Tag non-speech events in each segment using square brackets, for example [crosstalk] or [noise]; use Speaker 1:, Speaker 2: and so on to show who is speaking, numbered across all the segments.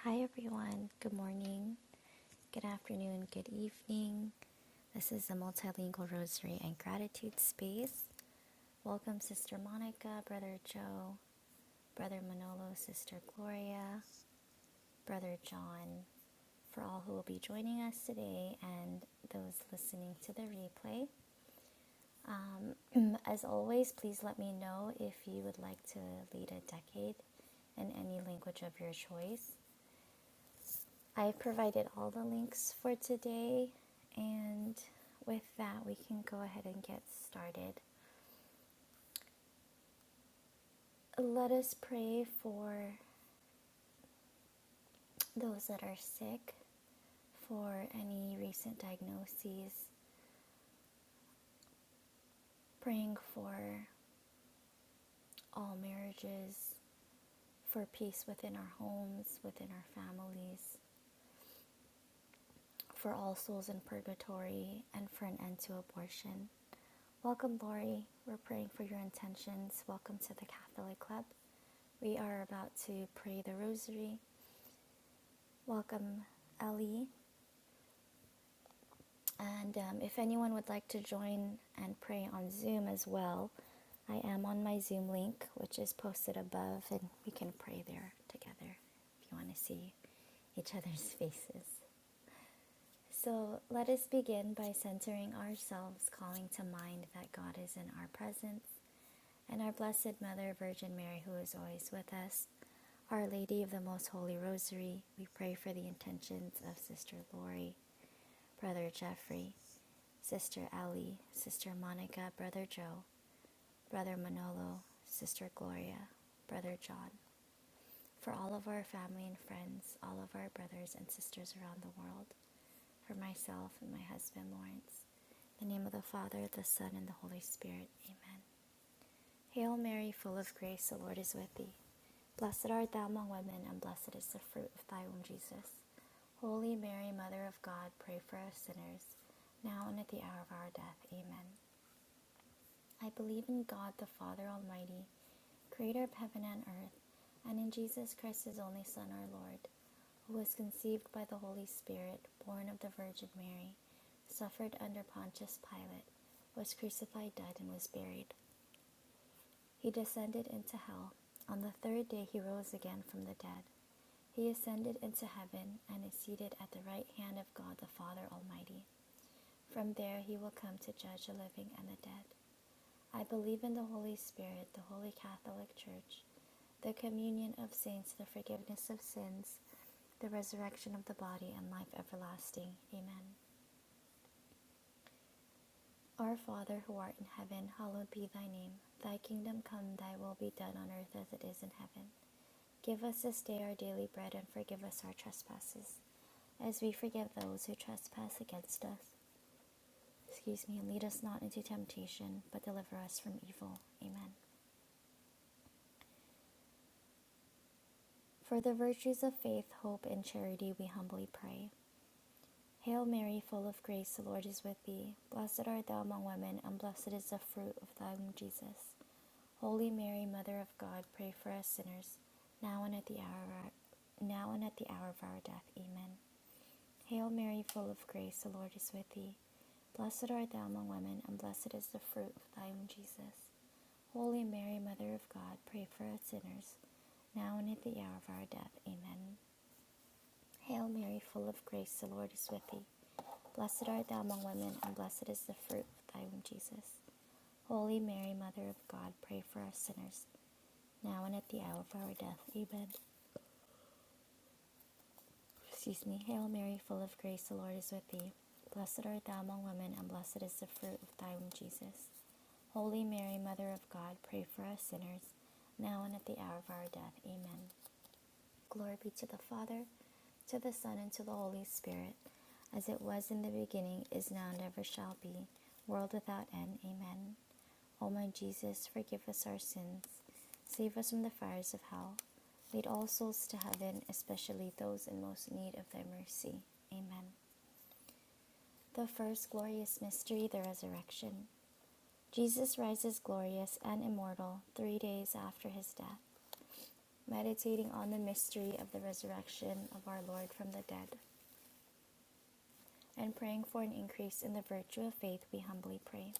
Speaker 1: Hi, everyone. Good morning, good afternoon, good evening. This is the Multilingual Rosary and Gratitude Space. Welcome, Sister Monica, Brother Joe, Brother Manolo, Sister Gloria, Brother John, for all who will be joining us today and those listening to the replay. Um, [clears throat] as always, please let me know if you would like to lead a decade in any language of your choice. I provided all the links for today, and with that, we can go ahead and get started. Let us pray for those that are sick, for any recent diagnoses, praying for all marriages, for peace within our homes, within our families, for all souls in purgatory, and for an end to abortion. Welcome, Lori. We're praying for your intentions. Welcome to the Catholic Club. We are about to pray the rosary. Welcome, Ellie. And um, if anyone would like to join and pray on Zoom as well, I am on my Zoom link, which is posted above, and we can pray there together if you want to see each other's [laughs] faces. So let us begin by centering ourselves, calling to mind that God is in our presence and our Blessed Mother, Virgin Mary, who is always with us. Our Lady of the Most Holy Rosary, we pray for the intentions of Sister Lori, Brother Jeffrey, Sister Ellie, Sister Monica, Brother Joe, Brother Manolo, Sister Gloria, Brother John, for all of our family and friends, all of our brothers and sisters around the world, for myself and my husband Lawrence. In the name of the Father, the Son, and the Holy Spirit. Amen. Hail Mary, full of grace, the Lord is with thee. Blessed art thou among women, and blessed is the fruit of thy womb, Jesus. Holy Mary, Mother of God, pray for us sinners, now and at the hour of our death. Amen. I believe in God, the Father Almighty, creator of heaven and earth, and in Jesus Christ, his only Son, our Lord, who was conceived by the Holy Spirit, born of the Virgin Mary, suffered under Pontius Pilate, was crucified, died, and was buried. He descended into hell. On the third day he rose again from the dead. He ascended into heaven and is seated at the right hand of God the Father Almighty. From there he will come to judge the living and the dead. I believe in the Holy Spirit, the Holy Catholic Church, the communion of saints, the forgiveness of sins, the resurrection of the body, and life everlasting. Amen. Our Father who art in heaven, hallowed be thy name. Thy kingdom come, thy will be done on earth as it is in heaven. Give us this day our daily bread and forgive us our trespasses, as we forgive those who trespass against us. Excuse me, and lead us not into temptation, but deliver us from evil. Amen. For the virtues of faith, hope, and charity, we humbly pray. Hail Mary, full of grace, the Lord is with thee. Blessed art thou among women, and blessed is the fruit of thy womb, Jesus. Holy Mary, Mother of God, pray for us sinners, now and at the hour of our, now and at the hour of our death. Amen. Hail Mary, full of grace, the Lord is with thee. Blessed art thou among women, and blessed is the fruit of thy womb, Jesus. Holy Mary, Mother of God, pray for us sinners, now and at the hour of our death. Amen. Hail Mary, full of grace, the Lord is with thee. Blessed art thou among women, and blessed is the fruit of thy womb, Jesus. Holy Mary, Mother of God, pray for us sinners, now and at the hour of our death. Amen. excuse me, Hail Mary, full of grace, the Lord is with thee. Blessed art thou among women, and blessed is the fruit of thy womb, Jesus. Holy Mary, Mother of God, pray for us sinners, now and at the hour of our death. Amen. Glory be to the Father, to the Son, and to the Holy Spirit, as it was in the beginning, is now, and ever shall be, world without end. Amen. O my Jesus, forgive us our sins, save us from the fires of hell, lead all souls to heaven, especially those in most need of thy mercy. Amen. The first glorious mystery, the resurrection. Jesus rises glorious and immortal three days after his death meditating on the mystery of the resurrection of our Lord from the dead, and praying for an increase in the virtue of faith, we humbly pray.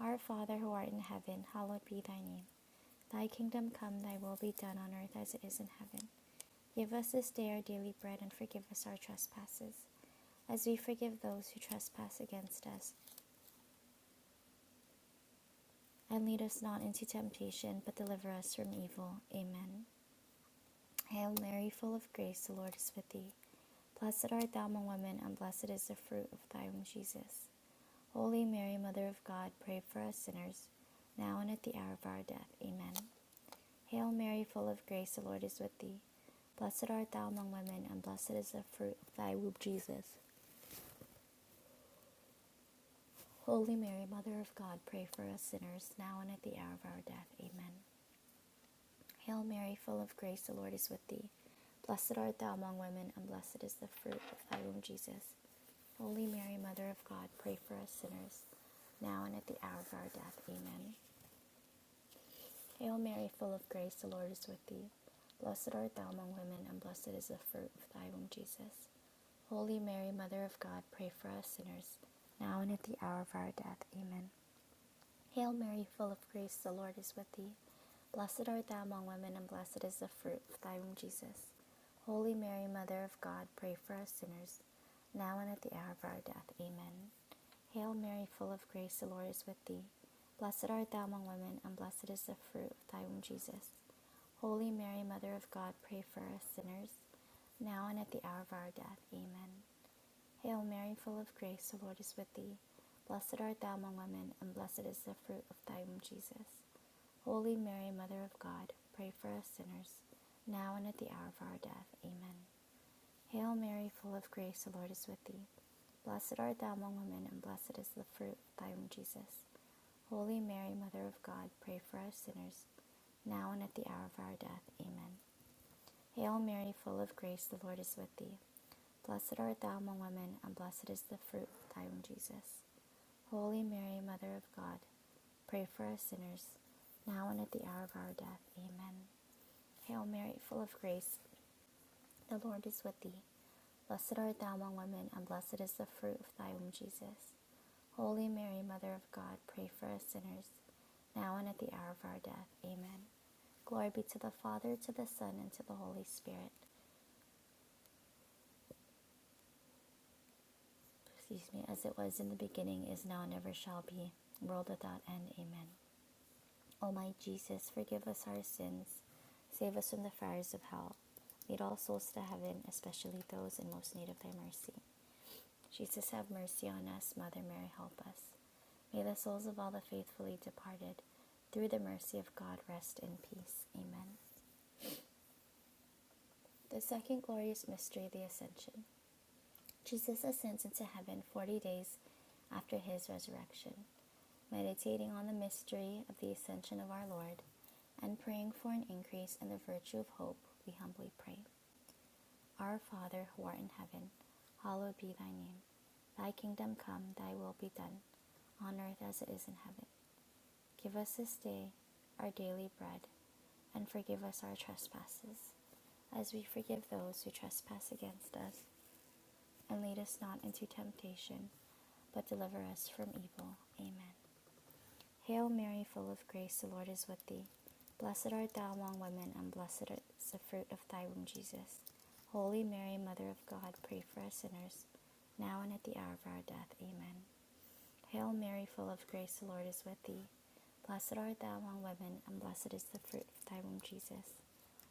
Speaker 1: Our Father who art in heaven, hallowed be thy name. Thy kingdom come, thy will be done on earth as it is in heaven. Give us this day our daily bread, and forgive us our trespasses, as we forgive those who trespass against us. And lead us not into temptation, but deliver us from evil. Amen. Hail Mary, full of grace, the Lord is with thee. Blessed art thou among women, and blessed is the fruit of thy womb, Jesus. Holy Mary, Mother of God, pray for us sinners, now and at the hour of our death. Amen. Hail Mary, full of grace, the Lord is with thee. Blessed art thou among women, and blessed is the fruit of thy womb, Jesus. Holy Mary, Mother of God, pray for us sinners, now and at the hour of our death. Amen. Hail Mary, full of grace, the Lord is with thee. Blessed art thou among women, and blessed is the fruit of thy womb, Jesus. Holy Mary, Mother of God, pray for us sinners, now and at the hour of our death. Amen. Hail Mary, full of grace, the Lord is with thee. Blessed art thou among women, and blessed is the fruit of thy womb, Jesus. Holy Mary, Mother of God, pray for us sinners, now and at the hour of our death. Amen. Hail Mary, full of grace, the Lord is with thee. Blessed art thou among women, and blessed is the fruit of thy womb, Jesus. Holy Mary, Mother of God, pray for us sinners, now and at the hour of our death. Amen. Hail Mary, full of grace, the Lord is with thee. Blessed art thou among women, and blessed is the fruit of thy womb, Jesus. Holy Mary, Mother of God, pray for us sinners, now and at the hour of our death. Amen. Hail Mary, full of grace, the Lord is with thee. Blessed art thou among women, and blessed is the fruit of thy womb, Jesus. Holy Mary, Mother of God, pray for us sinners, now and at the hour of our death. Amen. Hail Mary, full of grace, the Lord is with thee. Blessed art thou among women, and blessed is the fruit of thy womb, Jesus. Holy Mary, Mother of God, pray for us sinners, now and at the hour of our death. Amen. Hail Mary, full of grace, the Lord is with thee. Blessed art thou among women, and blessed is the fruit of thy womb, Jesus. Holy Mary, Mother of God, pray for us sinners, now and at the hour of our death. Amen. Hail Mary, full of grace, the Lord is with thee. Blessed art thou among women, and blessed is the fruit of thy womb, Jesus. Holy Mary, Mother of God, pray for us sinners, now and at the hour of our death. Amen. Glory be to the Father, to the Son, and to the Holy Spirit excuse me, as it was in the beginning, is now, and ever shall be, world without end. Amen. O my Jesus, forgive us our sins, save us from the fires of hell, lead all souls to heaven, especially those in most need of thy mercy. Jesus, have mercy on us. Mother Mary, help us. May the souls of all the faithfully departed, through the mercy of God, rest in peace. Amen. The second glorious mystery, the Ascension. Jesus ascends into heaven 40 days after his resurrection. meditating on the mystery of the ascension of our Lord, and praying for an increase in the virtue of hope, we humbly pray. Our Father, who art in heaven, hallowed be thy name. Thy kingdom come, thy will be done, on earth as it is in heaven. Give us this day our daily bread, and forgive us our trespasses, as we forgive those who trespass against us. And lead us not into temptation, but deliver us from evil. Amen. Hail Mary, full of grace, the Lord is with thee. Blessed art thou among women, and blessed is the fruit of thy womb, Jesus. Holy Mary, Mother of God, pray for us sinners, now and at the hour of our death. Amen. Hail Mary, full of grace, the Lord is with thee. Blessed art thou among women, and blessed is the fruit of thy womb, Jesus.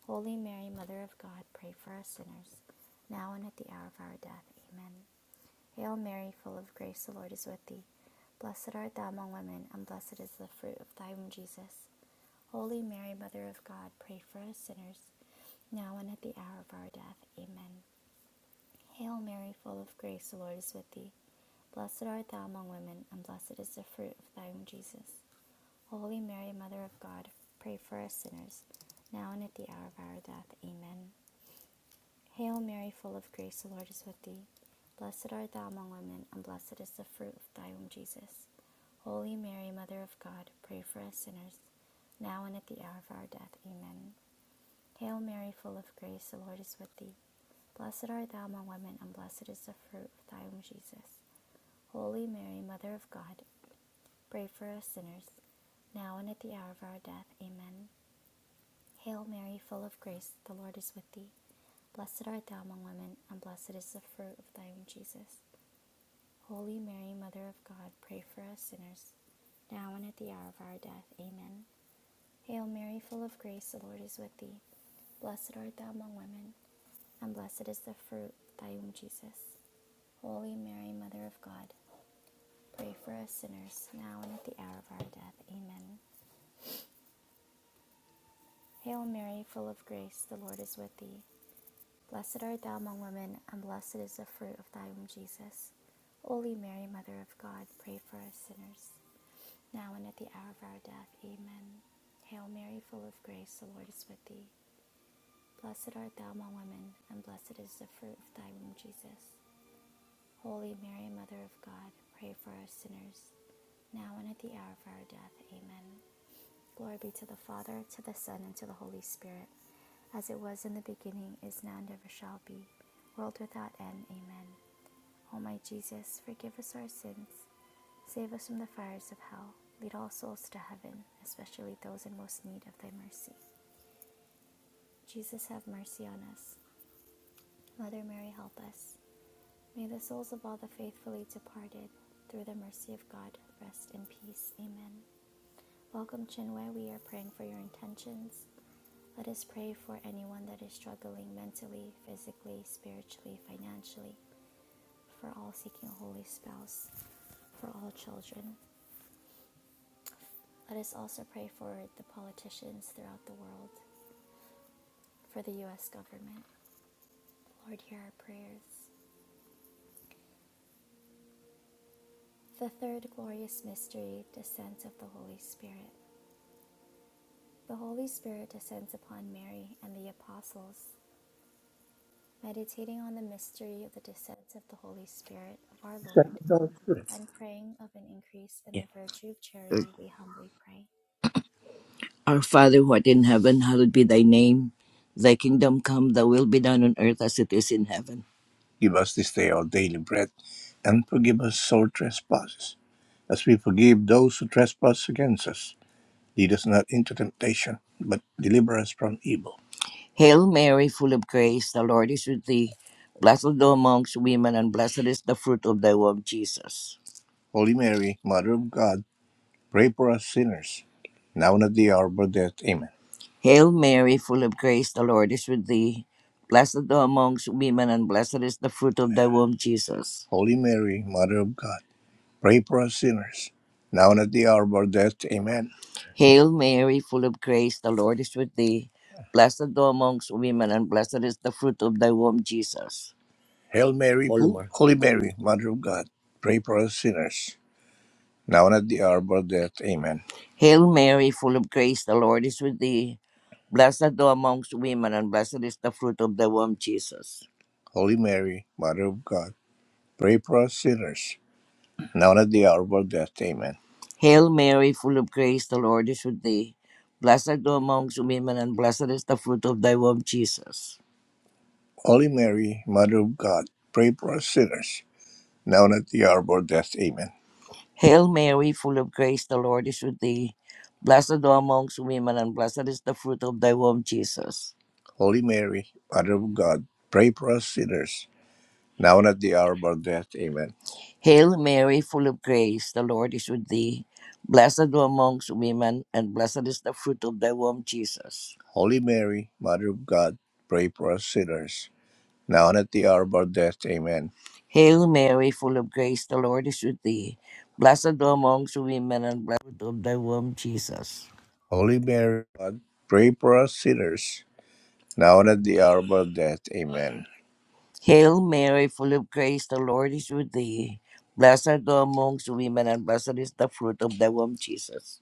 Speaker 1: Holy Mary, Mother of God, pray for us sinners, now and at the hour of our death. Amen. Hail Mary, full of grace, the Lord is with thee. Blessed art thou among women, and blessed is the fruit of thy womb, Jesus. Holy Mary, Mother of God, pray for us sinners, now and at the hour of our death. Amen. Hail Mary, full of grace, the Lord is with thee. Blessed art thou among women, and blessed is the fruit of thy womb, Jesus. Holy Mary, Mother of God, pray for us sinners, now and at the hour of our death. Amen. Hail Mary, full of grace, the Lord is with thee. Blessed art thou among women, and blessed is the fruit of thy womb, Jesus. Holy Mary, Mother of God, pray for us sinners, now and at the hour of our death. Amen. Hail Mary, full of grace, the Lord is with thee. Blessed art thou among women, and blessed is the fruit of thy womb, Jesus. Holy Mary, Mother of God, pray for us sinners, now and at the hour of our death. Amen. Hail Mary, full of grace, the Lord is with thee. Blessed art thou among women, and blessed is the fruit of thy womb, Jesus. Holy Mary, Mother of God, pray for us sinners, now and at the hour of our death. Amen. Hail Mary, full of grace, the Lord is with thee. Blessed art thou among women, and blessed is the fruit of thy womb, Jesus. Holy Mary, Mother of God, pray for us sinners, now and at the hour of our death. Amen. Hail Mary, full of grace, the Lord is with thee. Blessed art thou among women, and blessed is the fruit of thy womb, Jesus. Holy Mary, Mother of God, pray for us sinners, now and at the hour of our death. Amen. Hail Mary, full of grace, the Lord is with thee. Blessed art thou among women, and blessed is the fruit of thy womb, Jesus. Holy Mary, Mother of God, pray for us sinners, now and at the hour of our death. Amen. Glory be to the Father, to the Son, and to the Holy Spirit, as it was in the beginning, is now, and ever shall be, world without end. Amen. O my Jesus, forgive us our sins, save us from the fires of hell, lead all souls to heaven, especially those in most need of thy mercy. Jesus, have mercy on us. Mother Mary, help us. May the souls of all the faithfully departed, through the mercy of God, rest in peace. Amen. Welcome, Chinwe. We are praying for your intentions. Let us pray for anyone that is struggling mentally, physically, spiritually, financially, for all seeking a holy spouse, for all children. Let us also pray for the politicians throughout the world, for the U.S. government. Lord, hear our prayers. The third glorious mystery, descent of the Holy Spirit. The Holy Spirit descends upon Mary and the apostles, meditating on the mystery of the descent of the Holy Spirit of our Lord and praying of an increase in the
Speaker 2: Yeah.
Speaker 1: virtue of charity, we humbly pray.
Speaker 2: Our Father who art in heaven, hallowed be thy name. Thy kingdom come, thy will be done on earth as it is in heaven. Give us this day our daily bread, and forgive us our trespasses, as we forgive those who trespass against us. Lead us not into temptation, but deliver us from evil. Hail Mary, full of grace, the Lord is with thee. Blessed art thou amongst women, and blessed is the fruit of thy womb, Jesus. Holy Mary, Mother of God, Pray for us sinners, now and at the hour of our death. Amen. Hail Mary, full of grace, the Lord is with thee. Blessed thou amongst women, and blessed is the fruit of thy womb, Jesus. Holy Mary, Mother of God, pray for us sinners, now and at the hour of our death. Amen. Hail Mary, full of grace, the Lord is with thee. Blessed thou amongst women, and blessed is the fruit of thy womb, Jesus. Hail Mary, Holy Mary, Holy Mary, Mother of God, pray for us sinners, now and at the hour of our death. Amen. Hail Mary, full of grace, the Lord is with thee. Blessed art thou amongst women, and blessed is the fruit of thy womb, Jesus. Holy Mary, Mother of God, pray for us sinners, now and at the hour of our death. Amen. Hail Mary, full of grace, the Lord is with thee. Blessed art thou amongst women, and blessed is the fruit of thy womb, Jesus. Holy Mary, Mother of God, pray for us sinners, now and at the hour of our death. Amen. Hail Mary, full of grace, the Lord is with thee. Blessed thou amongst women, and blessed is the fruit of thy womb, Jesus. Holy Mary, Mother of God, pray for us sinners, now and at the hour of our death. Amen. Hail Mary, full of grace, the Lord is with thee. Blessed thou amongst women, and blessed is the fruit of thy womb, Jesus. Holy Mary, Mother of God, pray for us sinners, now and at the hour of our death. Amen. Hail Mary, full of grace, the Lord is with thee. Blessed thou amongst women, and blessed of thy womb, Jesus. Holy Mary, God, pray for us sinners, now and at the hour of our death. Amen. Hail Mary, full of grace, the Lord is with thee. Blessed thou amongst women, and blessed is the fruit of thy womb, Jesus.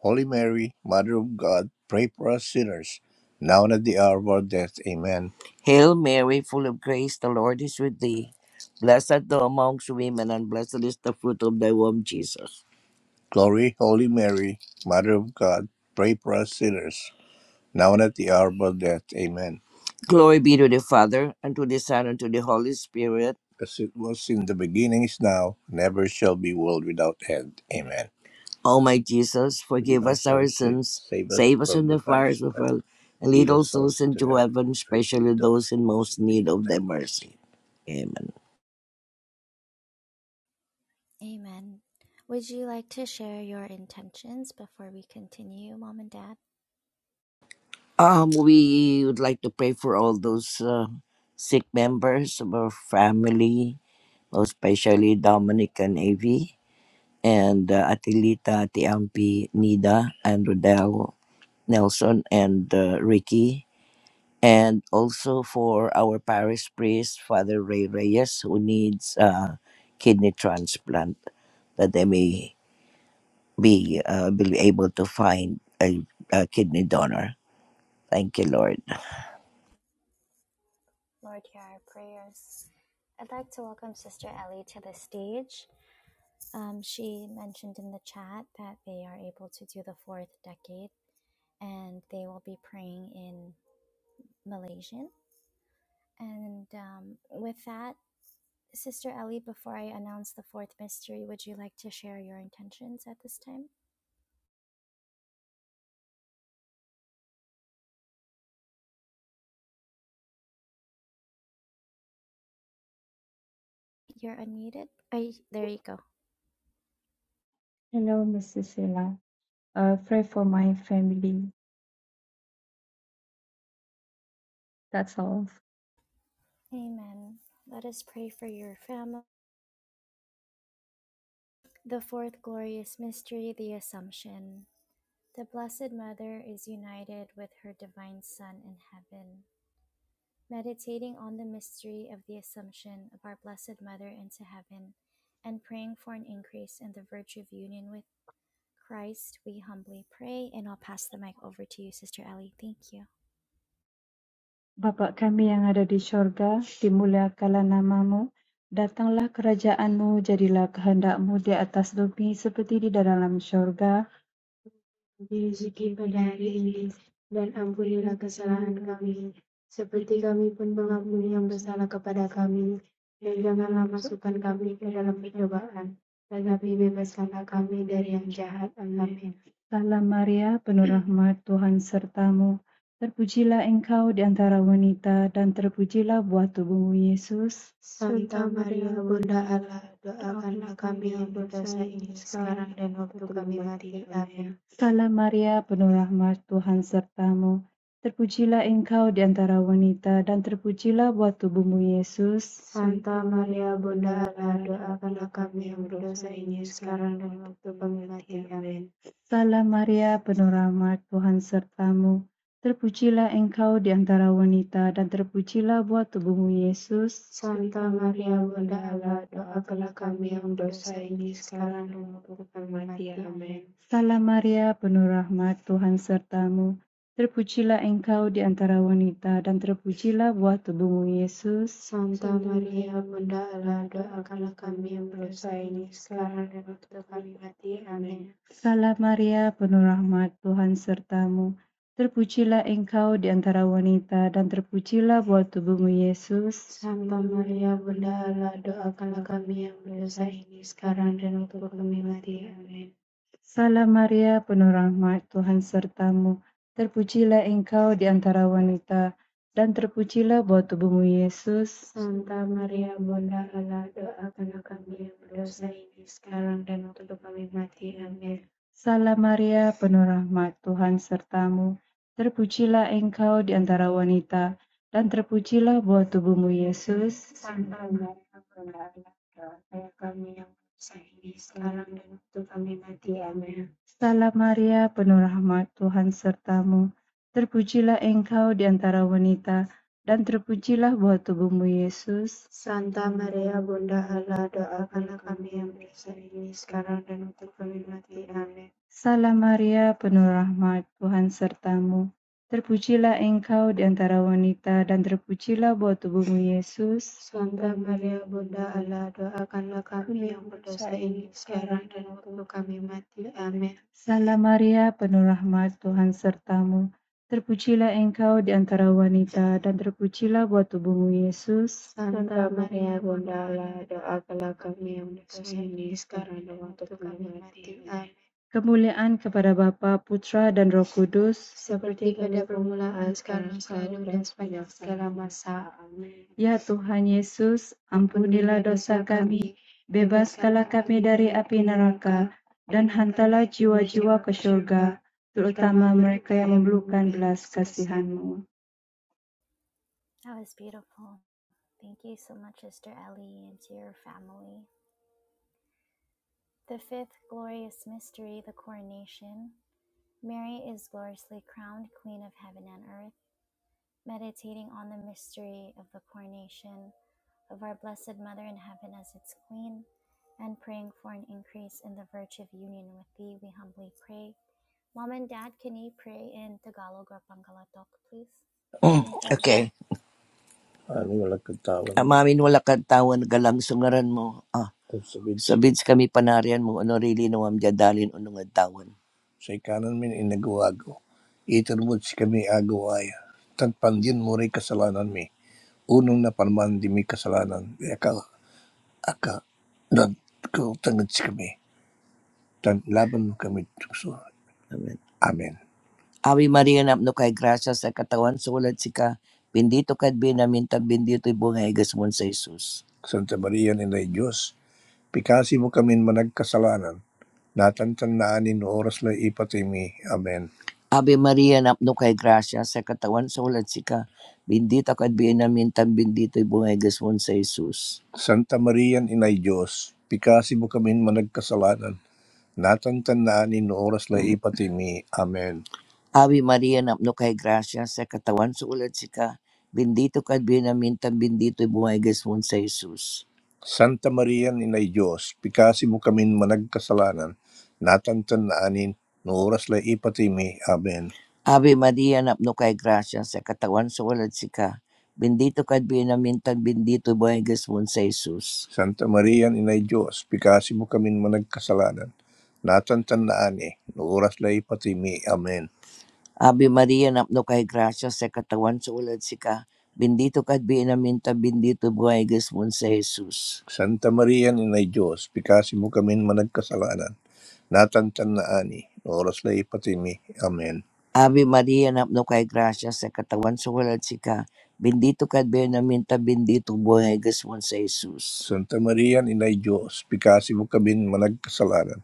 Speaker 2: Holy Mary, Mother of God, pray for us sinners, now and at the hour of our death. Amen. Hail Mary, full of grace, the Lord is with thee. Blessed art thou amongst women, and blessed is the fruit of thy womb, Jesus. Glory, Holy Mary, Mother of God, pray for us sinners, now and at the hour of our death. Amen. Glory be to the Father, and to the Son, and to the Holy Spirit. As it was in the beginning, is now, never shall be, world without end. Amen. O my Jesus, Forgive us our sins, save us from the fires of hell. and lead all souls into heaven, especially those in most need of thy mercy. mercy. Amen.
Speaker 1: Amen. Would you like to share your intentions before we continue, Mom and Dad?
Speaker 2: Um, we would like to pray for all those uh, sick members of our family, especially Dominic and Avi, and uh, Atilita, Ati Ampi, Nida, and Rodel, Nelson, and uh, Ricky. and also for our parish priest, Father Ray Reyes, who needs a kidney transplant, that they may be, uh, be able to find a, a kidney donor. Thank you, Lord.
Speaker 1: Lord, hear our prayers. I'd like to welcome Sister Ellie to the stage. Um, she mentioned in the chat that they are able to do the fourth decade and they will be praying in Malaysian. And um, with that, Sister Ellie, before I announce the fourth mystery, would you like to share your intentions at this time? You're unmuted. Are you, there you go.
Speaker 3: Hello, Mrs. Sela. Uh, pray for my family. That's all.
Speaker 1: Amen. Let us pray for your family. The fourth glorious mystery, the Assumption. The Blessed Mother is united with her Divine Son in heaven. Meditating on the mystery of the Assumption of our Blessed Mother into heaven and praying for an increase in the virtue of union with Christ, we humbly pray. And I'll pass the mic over to you, Sister Ellie. Thank you.
Speaker 3: Bapa kami yang ada di syurga, dimuliakanlah namamu. Datanglah kerajaanmu, jadilah kehendakmu di atas bumi seperti di dalam syurga. Salam Maria, penuh rahmat Tuhan sertamu. Terpujilah engkau di antara wanita, dan terpujilah buah tubuhmu, Yesus. Salam Maria, penuh rahmat Tuhan sertamu. Terpujilah engkau di antara wanita, dan terpujilah buah tubuhmu, Yesus. Salam Maria, penuh rahmat, Tuhan sertamu. Terpujilah engkau di antara wanita, dan terpujilah buah tubuhmu Yesus. Salam Maria, penuh rahmat, Tuhan sertamu. Terpujilah engkau di antara wanita, dan terpujilah buah tubuhmu Yesus. Salam Maria, penuh rahmat, Tuhan sertamu. Terpujilah engkau di antara wanita, dan terpujilah buah tubuhmu, Yesus. Salam Maria, penuh rahmat, Tuhan sertamu. Terpujilah engkau di antara wanita, dan terpujilah buah tubuhmu, Yesus. Salam Maria, penuh rahmat, Tuhan sertamu. Terpujilah engkau di antara wanita, dan terpujilah buah tubuhmu, Yesus. Santa Maria, Bunda Allah. Salam Maria, penuh rahmat, Tuhan sertamu. Terpujilah engkau di antara wanita, dan terpujilah buah tubuhmu, Yesus. Salam Maria, penuh rahmat, Tuhan sertamu. Terpujilah engkau di antara wanita, dan terpujilah buah tubuhmu, Yesus. Salam Maria, penuh rahmat, Tuhan sertamu. Terpujilah engkau di antara wanita, dan terpujilah buah tubuhmu, Yesus. Kemuliaan kepada Bapa, Putra, dan Roh Kudus, Ya Tuhan Yesus, ampunilah dosa kami, bebaskanlah kami dari api neraka, dan hantarlah jiwa-jiwa ke surga, terutama mereka yang memerlukan belas kasihan-Mu.
Speaker 1: That was beautiful. Thank you so much, Sister Ellie, and to your family. The fifth glorious mystery, the coronation. Mary is gloriously crowned Queen of Heaven and Earth. Meditating on the mystery of the coronation of our Blessed Mother in Heaven as its Queen, and praying for an increase in the virtue of union with Thee, we humbly pray. Mom and Dad, can you pray in Tagalog or Pangalatok, please?
Speaker 2: Mm,
Speaker 1: Thank you.
Speaker 2: okay. Ano wala katawan mo. Amamin wala kang tawan, galang sungaran mo. Ah, Kung sabid sa, sabids kami panarian mo, ano rili no am jadalin unong tawan. sa ikanan min inagawago. Itarwod si kami agawaya. Tagpandyan mo rin kasalanan mi. unang napalaman di may kasalanan, ay ikaw, aka, na kautangan si kami, tan laban kami tukso. Amen. Amen. Ave María, napno kay grasya sa katawan sulat si ka, bendito kad binamin tag bendito ibong igas mon sa Jesus. Santa Maria, Ina Diyos, Pikasi mo kami managkasalanan, natantandaan in oras na ipatimi. Amen. Ave Maria, napno kay gracia, sa katawan sa ulat sika, bendita ka at bienamintan, bendito ibungegas mo sa Jesus. Santa Maria, Inay Diyos, pikasi mo kami managkasalanan, Natatandaan ni oras la ipatimi. Amen. Ave María, no kay gracia, sa katawan sa ulat sika. Bendito ka at binamintan, bendito buhay gasmon sa Jesus. Santa Maria, Inay Diyos, pikasi mo kami managkasalanan, natantanaanin, no oras la ipatimi. Amen. Ave María, no kay gracia, sa katawan sa ulat sika. Bendito ka at binamintan, bendito buhay gasmon sa Jesus. Santa Maria, Inay Diyos, pikasi mo kami managkasalanan, Natatandaan eh. Oras na ipatimi. Amen. Ave María, napno kay gracia sa katawan sa ulat si ka. Bendito ka at binaminta, bendito buhay gasmon sa Jesus. Santa Maria, Inay Diyos, pikasi mo kami managkasalanan. Natatandaan eh. Oras na ipatimi. Amen. Ave María, napno kay gracia sa katawan sa ulat si ka. Bendito ka at binaminta, bendito buhay gasmon sa Jesus. Santa Maria, Inay Diyos, pikasi mo kami managkasalanan.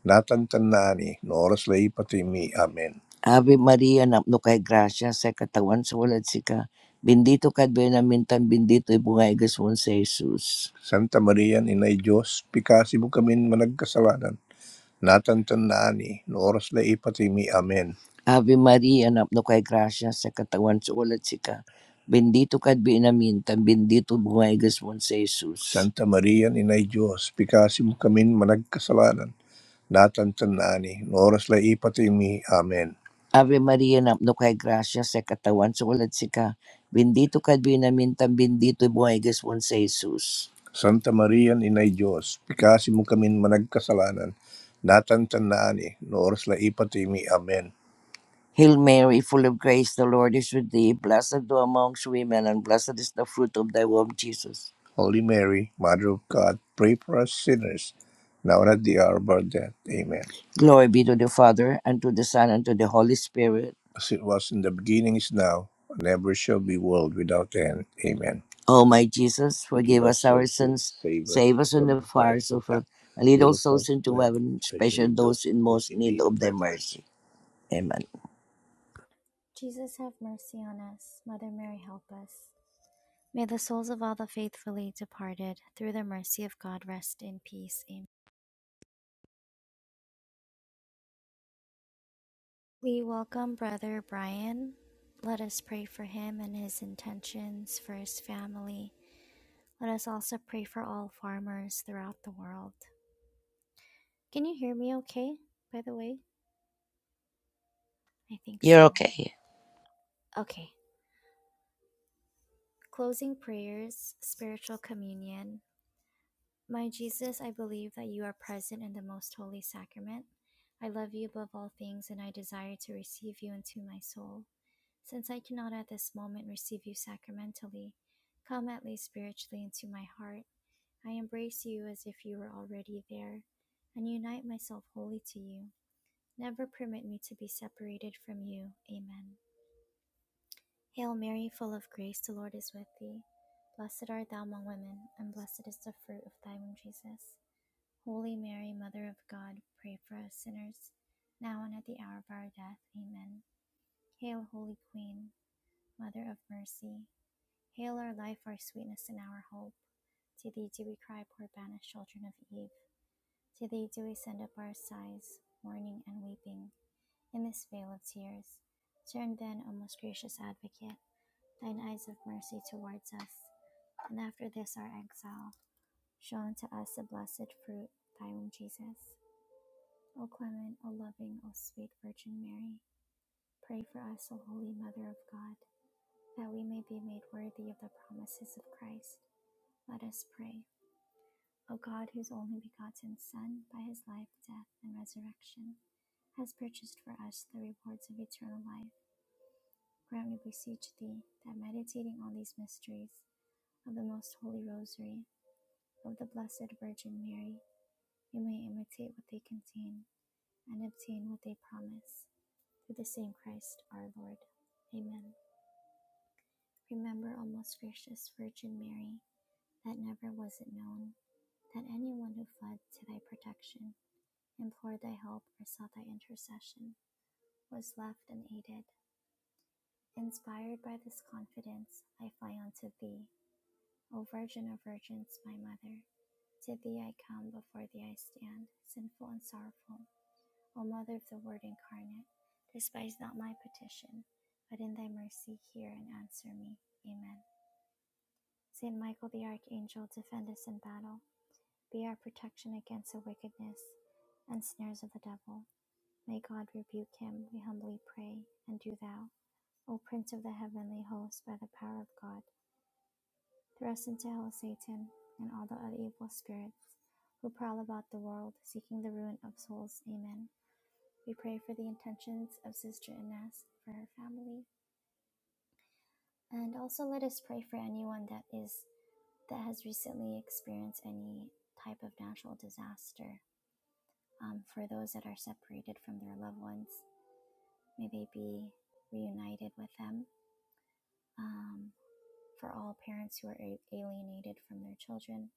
Speaker 2: Datan tanani, noras lei pati mi. Amen. Ave Maria, napno kay gracia, sa katawan sa walad sika. Bendito ka at benamintan, bendito ibungay gaswan sa Jesus. Santa Maria, Inay Diyos, pikasi kamin kami managkasalanan. Datan tanani, noras lei pati mi. Amen. Ave Maria, napno kay gracia, sa katawan sa walad sika. Bendito ka at benamintan, bendito ibungay gaswan sa Jesus. Santa Maria, Inay Diyos, pikasi kamin kami managkasalanan natam tanani, noras la ipatimi. Amen. Ave Maria, no kay gracia sa katawan sa ulat si ka. Bendito ka binamintang bendito buhay gaswan sa Jesus. Santa Maria, Inay Diyos, pikasi mo kami managkasalanan, natantanaan eh, no oras la ipatimi. Amen. Hail Mary, full of grace, the Lord is with thee. Blessed thou amongst women, and blessed is the fruit of thy womb, Jesus. Holy Mary, Mother of God, pray for us sinners, now and at the hour of our death. Amen. Glory be to the Father, and to the Son, and to the Holy Spirit. As it was in the beginning, is now, and ever shall be, world without end. Amen. O my Jesus, Forgive forgive us us our our sins, sins, save us save us from from the the fires fires of of hell. hell, and lead Lead all us not souls into to heaven, heaven, especially especially those those in most in need need of of thy thy mercy. mercy. Amen.
Speaker 1: Jesus, have mercy on us. Mother Mary, help us. May the souls of all the faithfully departed, through the mercy of God, rest in peace. Amen. We welcome Brother Brian. Let us pray for him and his intentions for his family. Let us also pray for all farmers throughout the world. Can you hear me okay, by the way? I think
Speaker 2: You're
Speaker 1: so.
Speaker 2: okay. yeah.
Speaker 1: Okay. Closing prayers, spiritual communion. My Jesus, I believe that you are present in the most holy sacrament. I love you above all things and I desire to receive you into my soul. Since I cannot at this moment receive you sacramentally, come at least spiritually into my heart. I embrace you as if you were already there, and unite myself wholly to you. Never permit me to be separated from you. Amen. Hail Mary, full of grace, the Lord is with thee. Blessed art thou among women, and blessed is the fruit of thy womb, Jesus. Holy Mary, Mother of God, pray for us sinners, now and at the hour of our death. Amen. Hail, Holy Queen, Mother of Mercy. Hail our life, our sweetness, and our hope. To thee do we cry, poor banished children of Eve. To thee do we send up our sighs, mourning and weeping, in this vale of tears. Turn then, O most gracious advocate, thine eyes of mercy towards us, and after this our exile, show unto us the blessed fruit, thy womb, Jesus. O clement, O loving, O sweet Virgin Mary, pray for us, O holy Mother of God, that we may be made worthy of the promises of Christ. Let us pray. O God, whose only begotten Son, by his life, death, and resurrection, has purchased for us the rewards of eternal life, grant, we beseech thee, that meditating on these mysteries of the most holy rosary of the Blessed Virgin Mary, we may imitate what they contain and obtain what they promise. Through the same Christ our Lord. Amen. Remember, O most gracious Virgin Mary, that never was it known that anyone who fled to thy protection implored thy help, or sought thy intercession, was left unaided. Inspired by this confidence, I fly unto thee, O Virgin of Virgins, my Mother. To thee I come, before thee I stand, sinful and sorrowful. O Mother of the Word incarnate, despise not my petition, but in thy mercy hear and answer me. Amen. Saint Michael the Archangel, defend us in battle. Be our protection against the wickedness and snares of the devil. May God rebuke him, we humbly pray. And do thou, O Prince of the heavenly host, by the power of God, thrust into hell Satan and all the other evil spirits who prowl about the world seeking the ruin of souls. Amen. We pray for the intentions of Sister Ines, for her family. And also let us pray for anyone that is that has recently experienced any type of natural disaster. Um, for those that are separated from their loved ones, may they be reunited with them um, for all parents who are a- alienated from their children.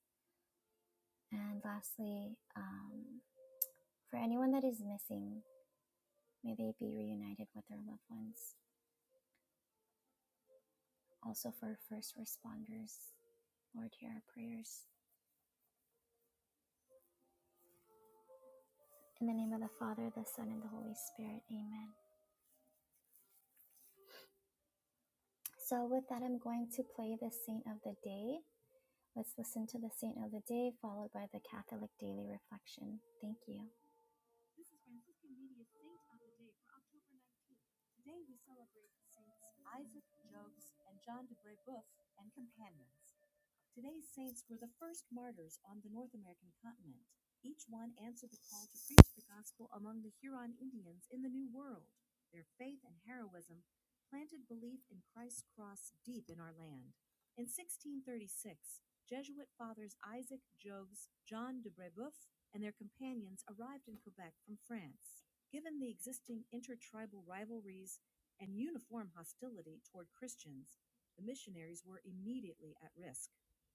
Speaker 1: And lastly, um, for anyone that is missing, may they be reunited with their loved ones. Also for first responders, Lord, hear our prayers. In the name of the Father, the Son, and the Holy Spirit, amen. So, with that, I'm going to play the Saint of the Day. Let's listen to the Saint of the Day, followed by the Catholic Daily Reflection. Thank you. This is Franciscan Media's Saint of the Day for October 19th. Today we celebrate Saints Isaac, Jobs, and John de Brebeuf and companions. Today's saints were the first martyrs on the North American continent. Each one answered the call to preach the gospel among the Huron Indians in the New World. Their faith and heroism planted belief in Christ's cross deep in our land. In 1636, Jesuit fathers Isaac Jogues, John de Brebeuf, and their companions arrived in Quebec from France. Given the existing intertribal rivalries and uniform hostility toward Christians, the missionaries were immediately at risk.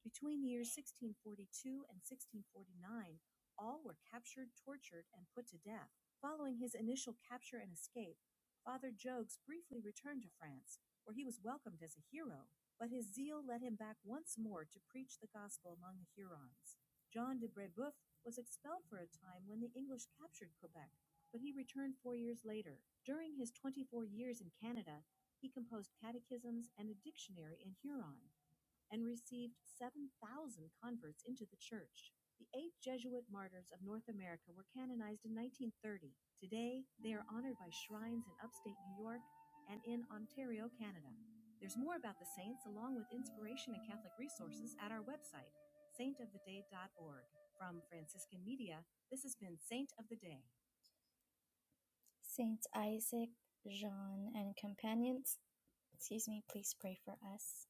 Speaker 1: Between the years 1642 and 1649, all were captured, tortured, and put to death. Following his initial capture and escape, Father Jogues briefly returned to France, where he was welcomed as a hero, but his zeal led him back once more to preach the gospel among the Hurons. John de Brebeuf was expelled for a time when the English captured Quebec, but he returned four years later. During his 24 years in Canada, he composed catechisms and a dictionary in Huron and received 7,000 converts into the church. The eight Jesuit martyrs of North America were canonized in 1930. Today, they are honored by shrines in upstate New York and in Ontario, Canada. There's more about the saints, along with inspiration and Catholic resources, at our website, saintoftheday.org. From Franciscan Media, this has been Saint of the Day. Saints Isaac, Jean, and companions, excuse me, please pray for us.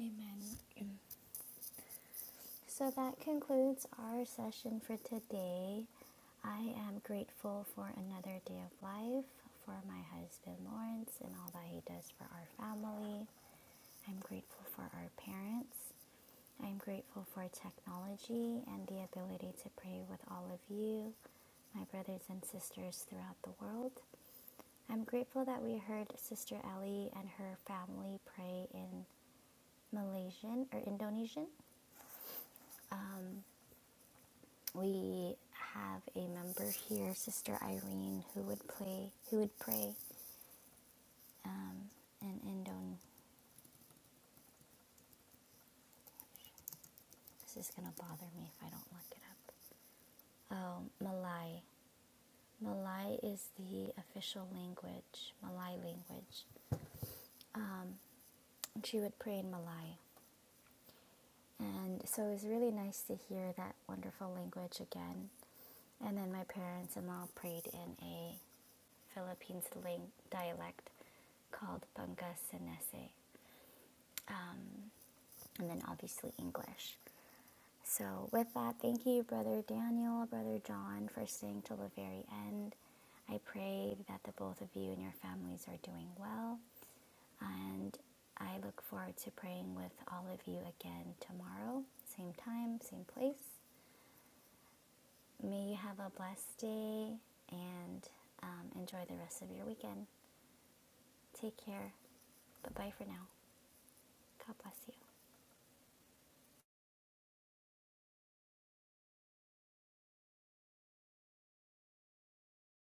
Speaker 1: Amen. Amen. So that concludes our session for today. I am grateful for another day of life, for my husband Lawrence and all that he does for our family. I'm grateful for our parents. I'm grateful for technology and the ability to pray with all of you, my brothers and sisters throughout the world. I'm grateful that we heard Sister Ellie and her family pray in Malaysian or Indonesian. Um. we have a member here, Sister Irene, who would play, who would pray um, in Indon. This is gonna bother me if I don't look it up. Oh, Malay. Malay is the official language, Malay language. Um, she would pray in Malay, and so it was really nice to hear that wonderful language again. And then my parents and law prayed in a Philippines ling- dialect called Bangka Senese. and then obviously English. So, with that, thank you, Brother Daniel, Brother John, for staying till the very end. I pray that the both of you and your families are doing well, and I look forward to praying with all of you again tomorrow, same time, same place. May you have a blessed day and um, enjoy the rest of your weekend. Take care. Bye bye for now. God bless you.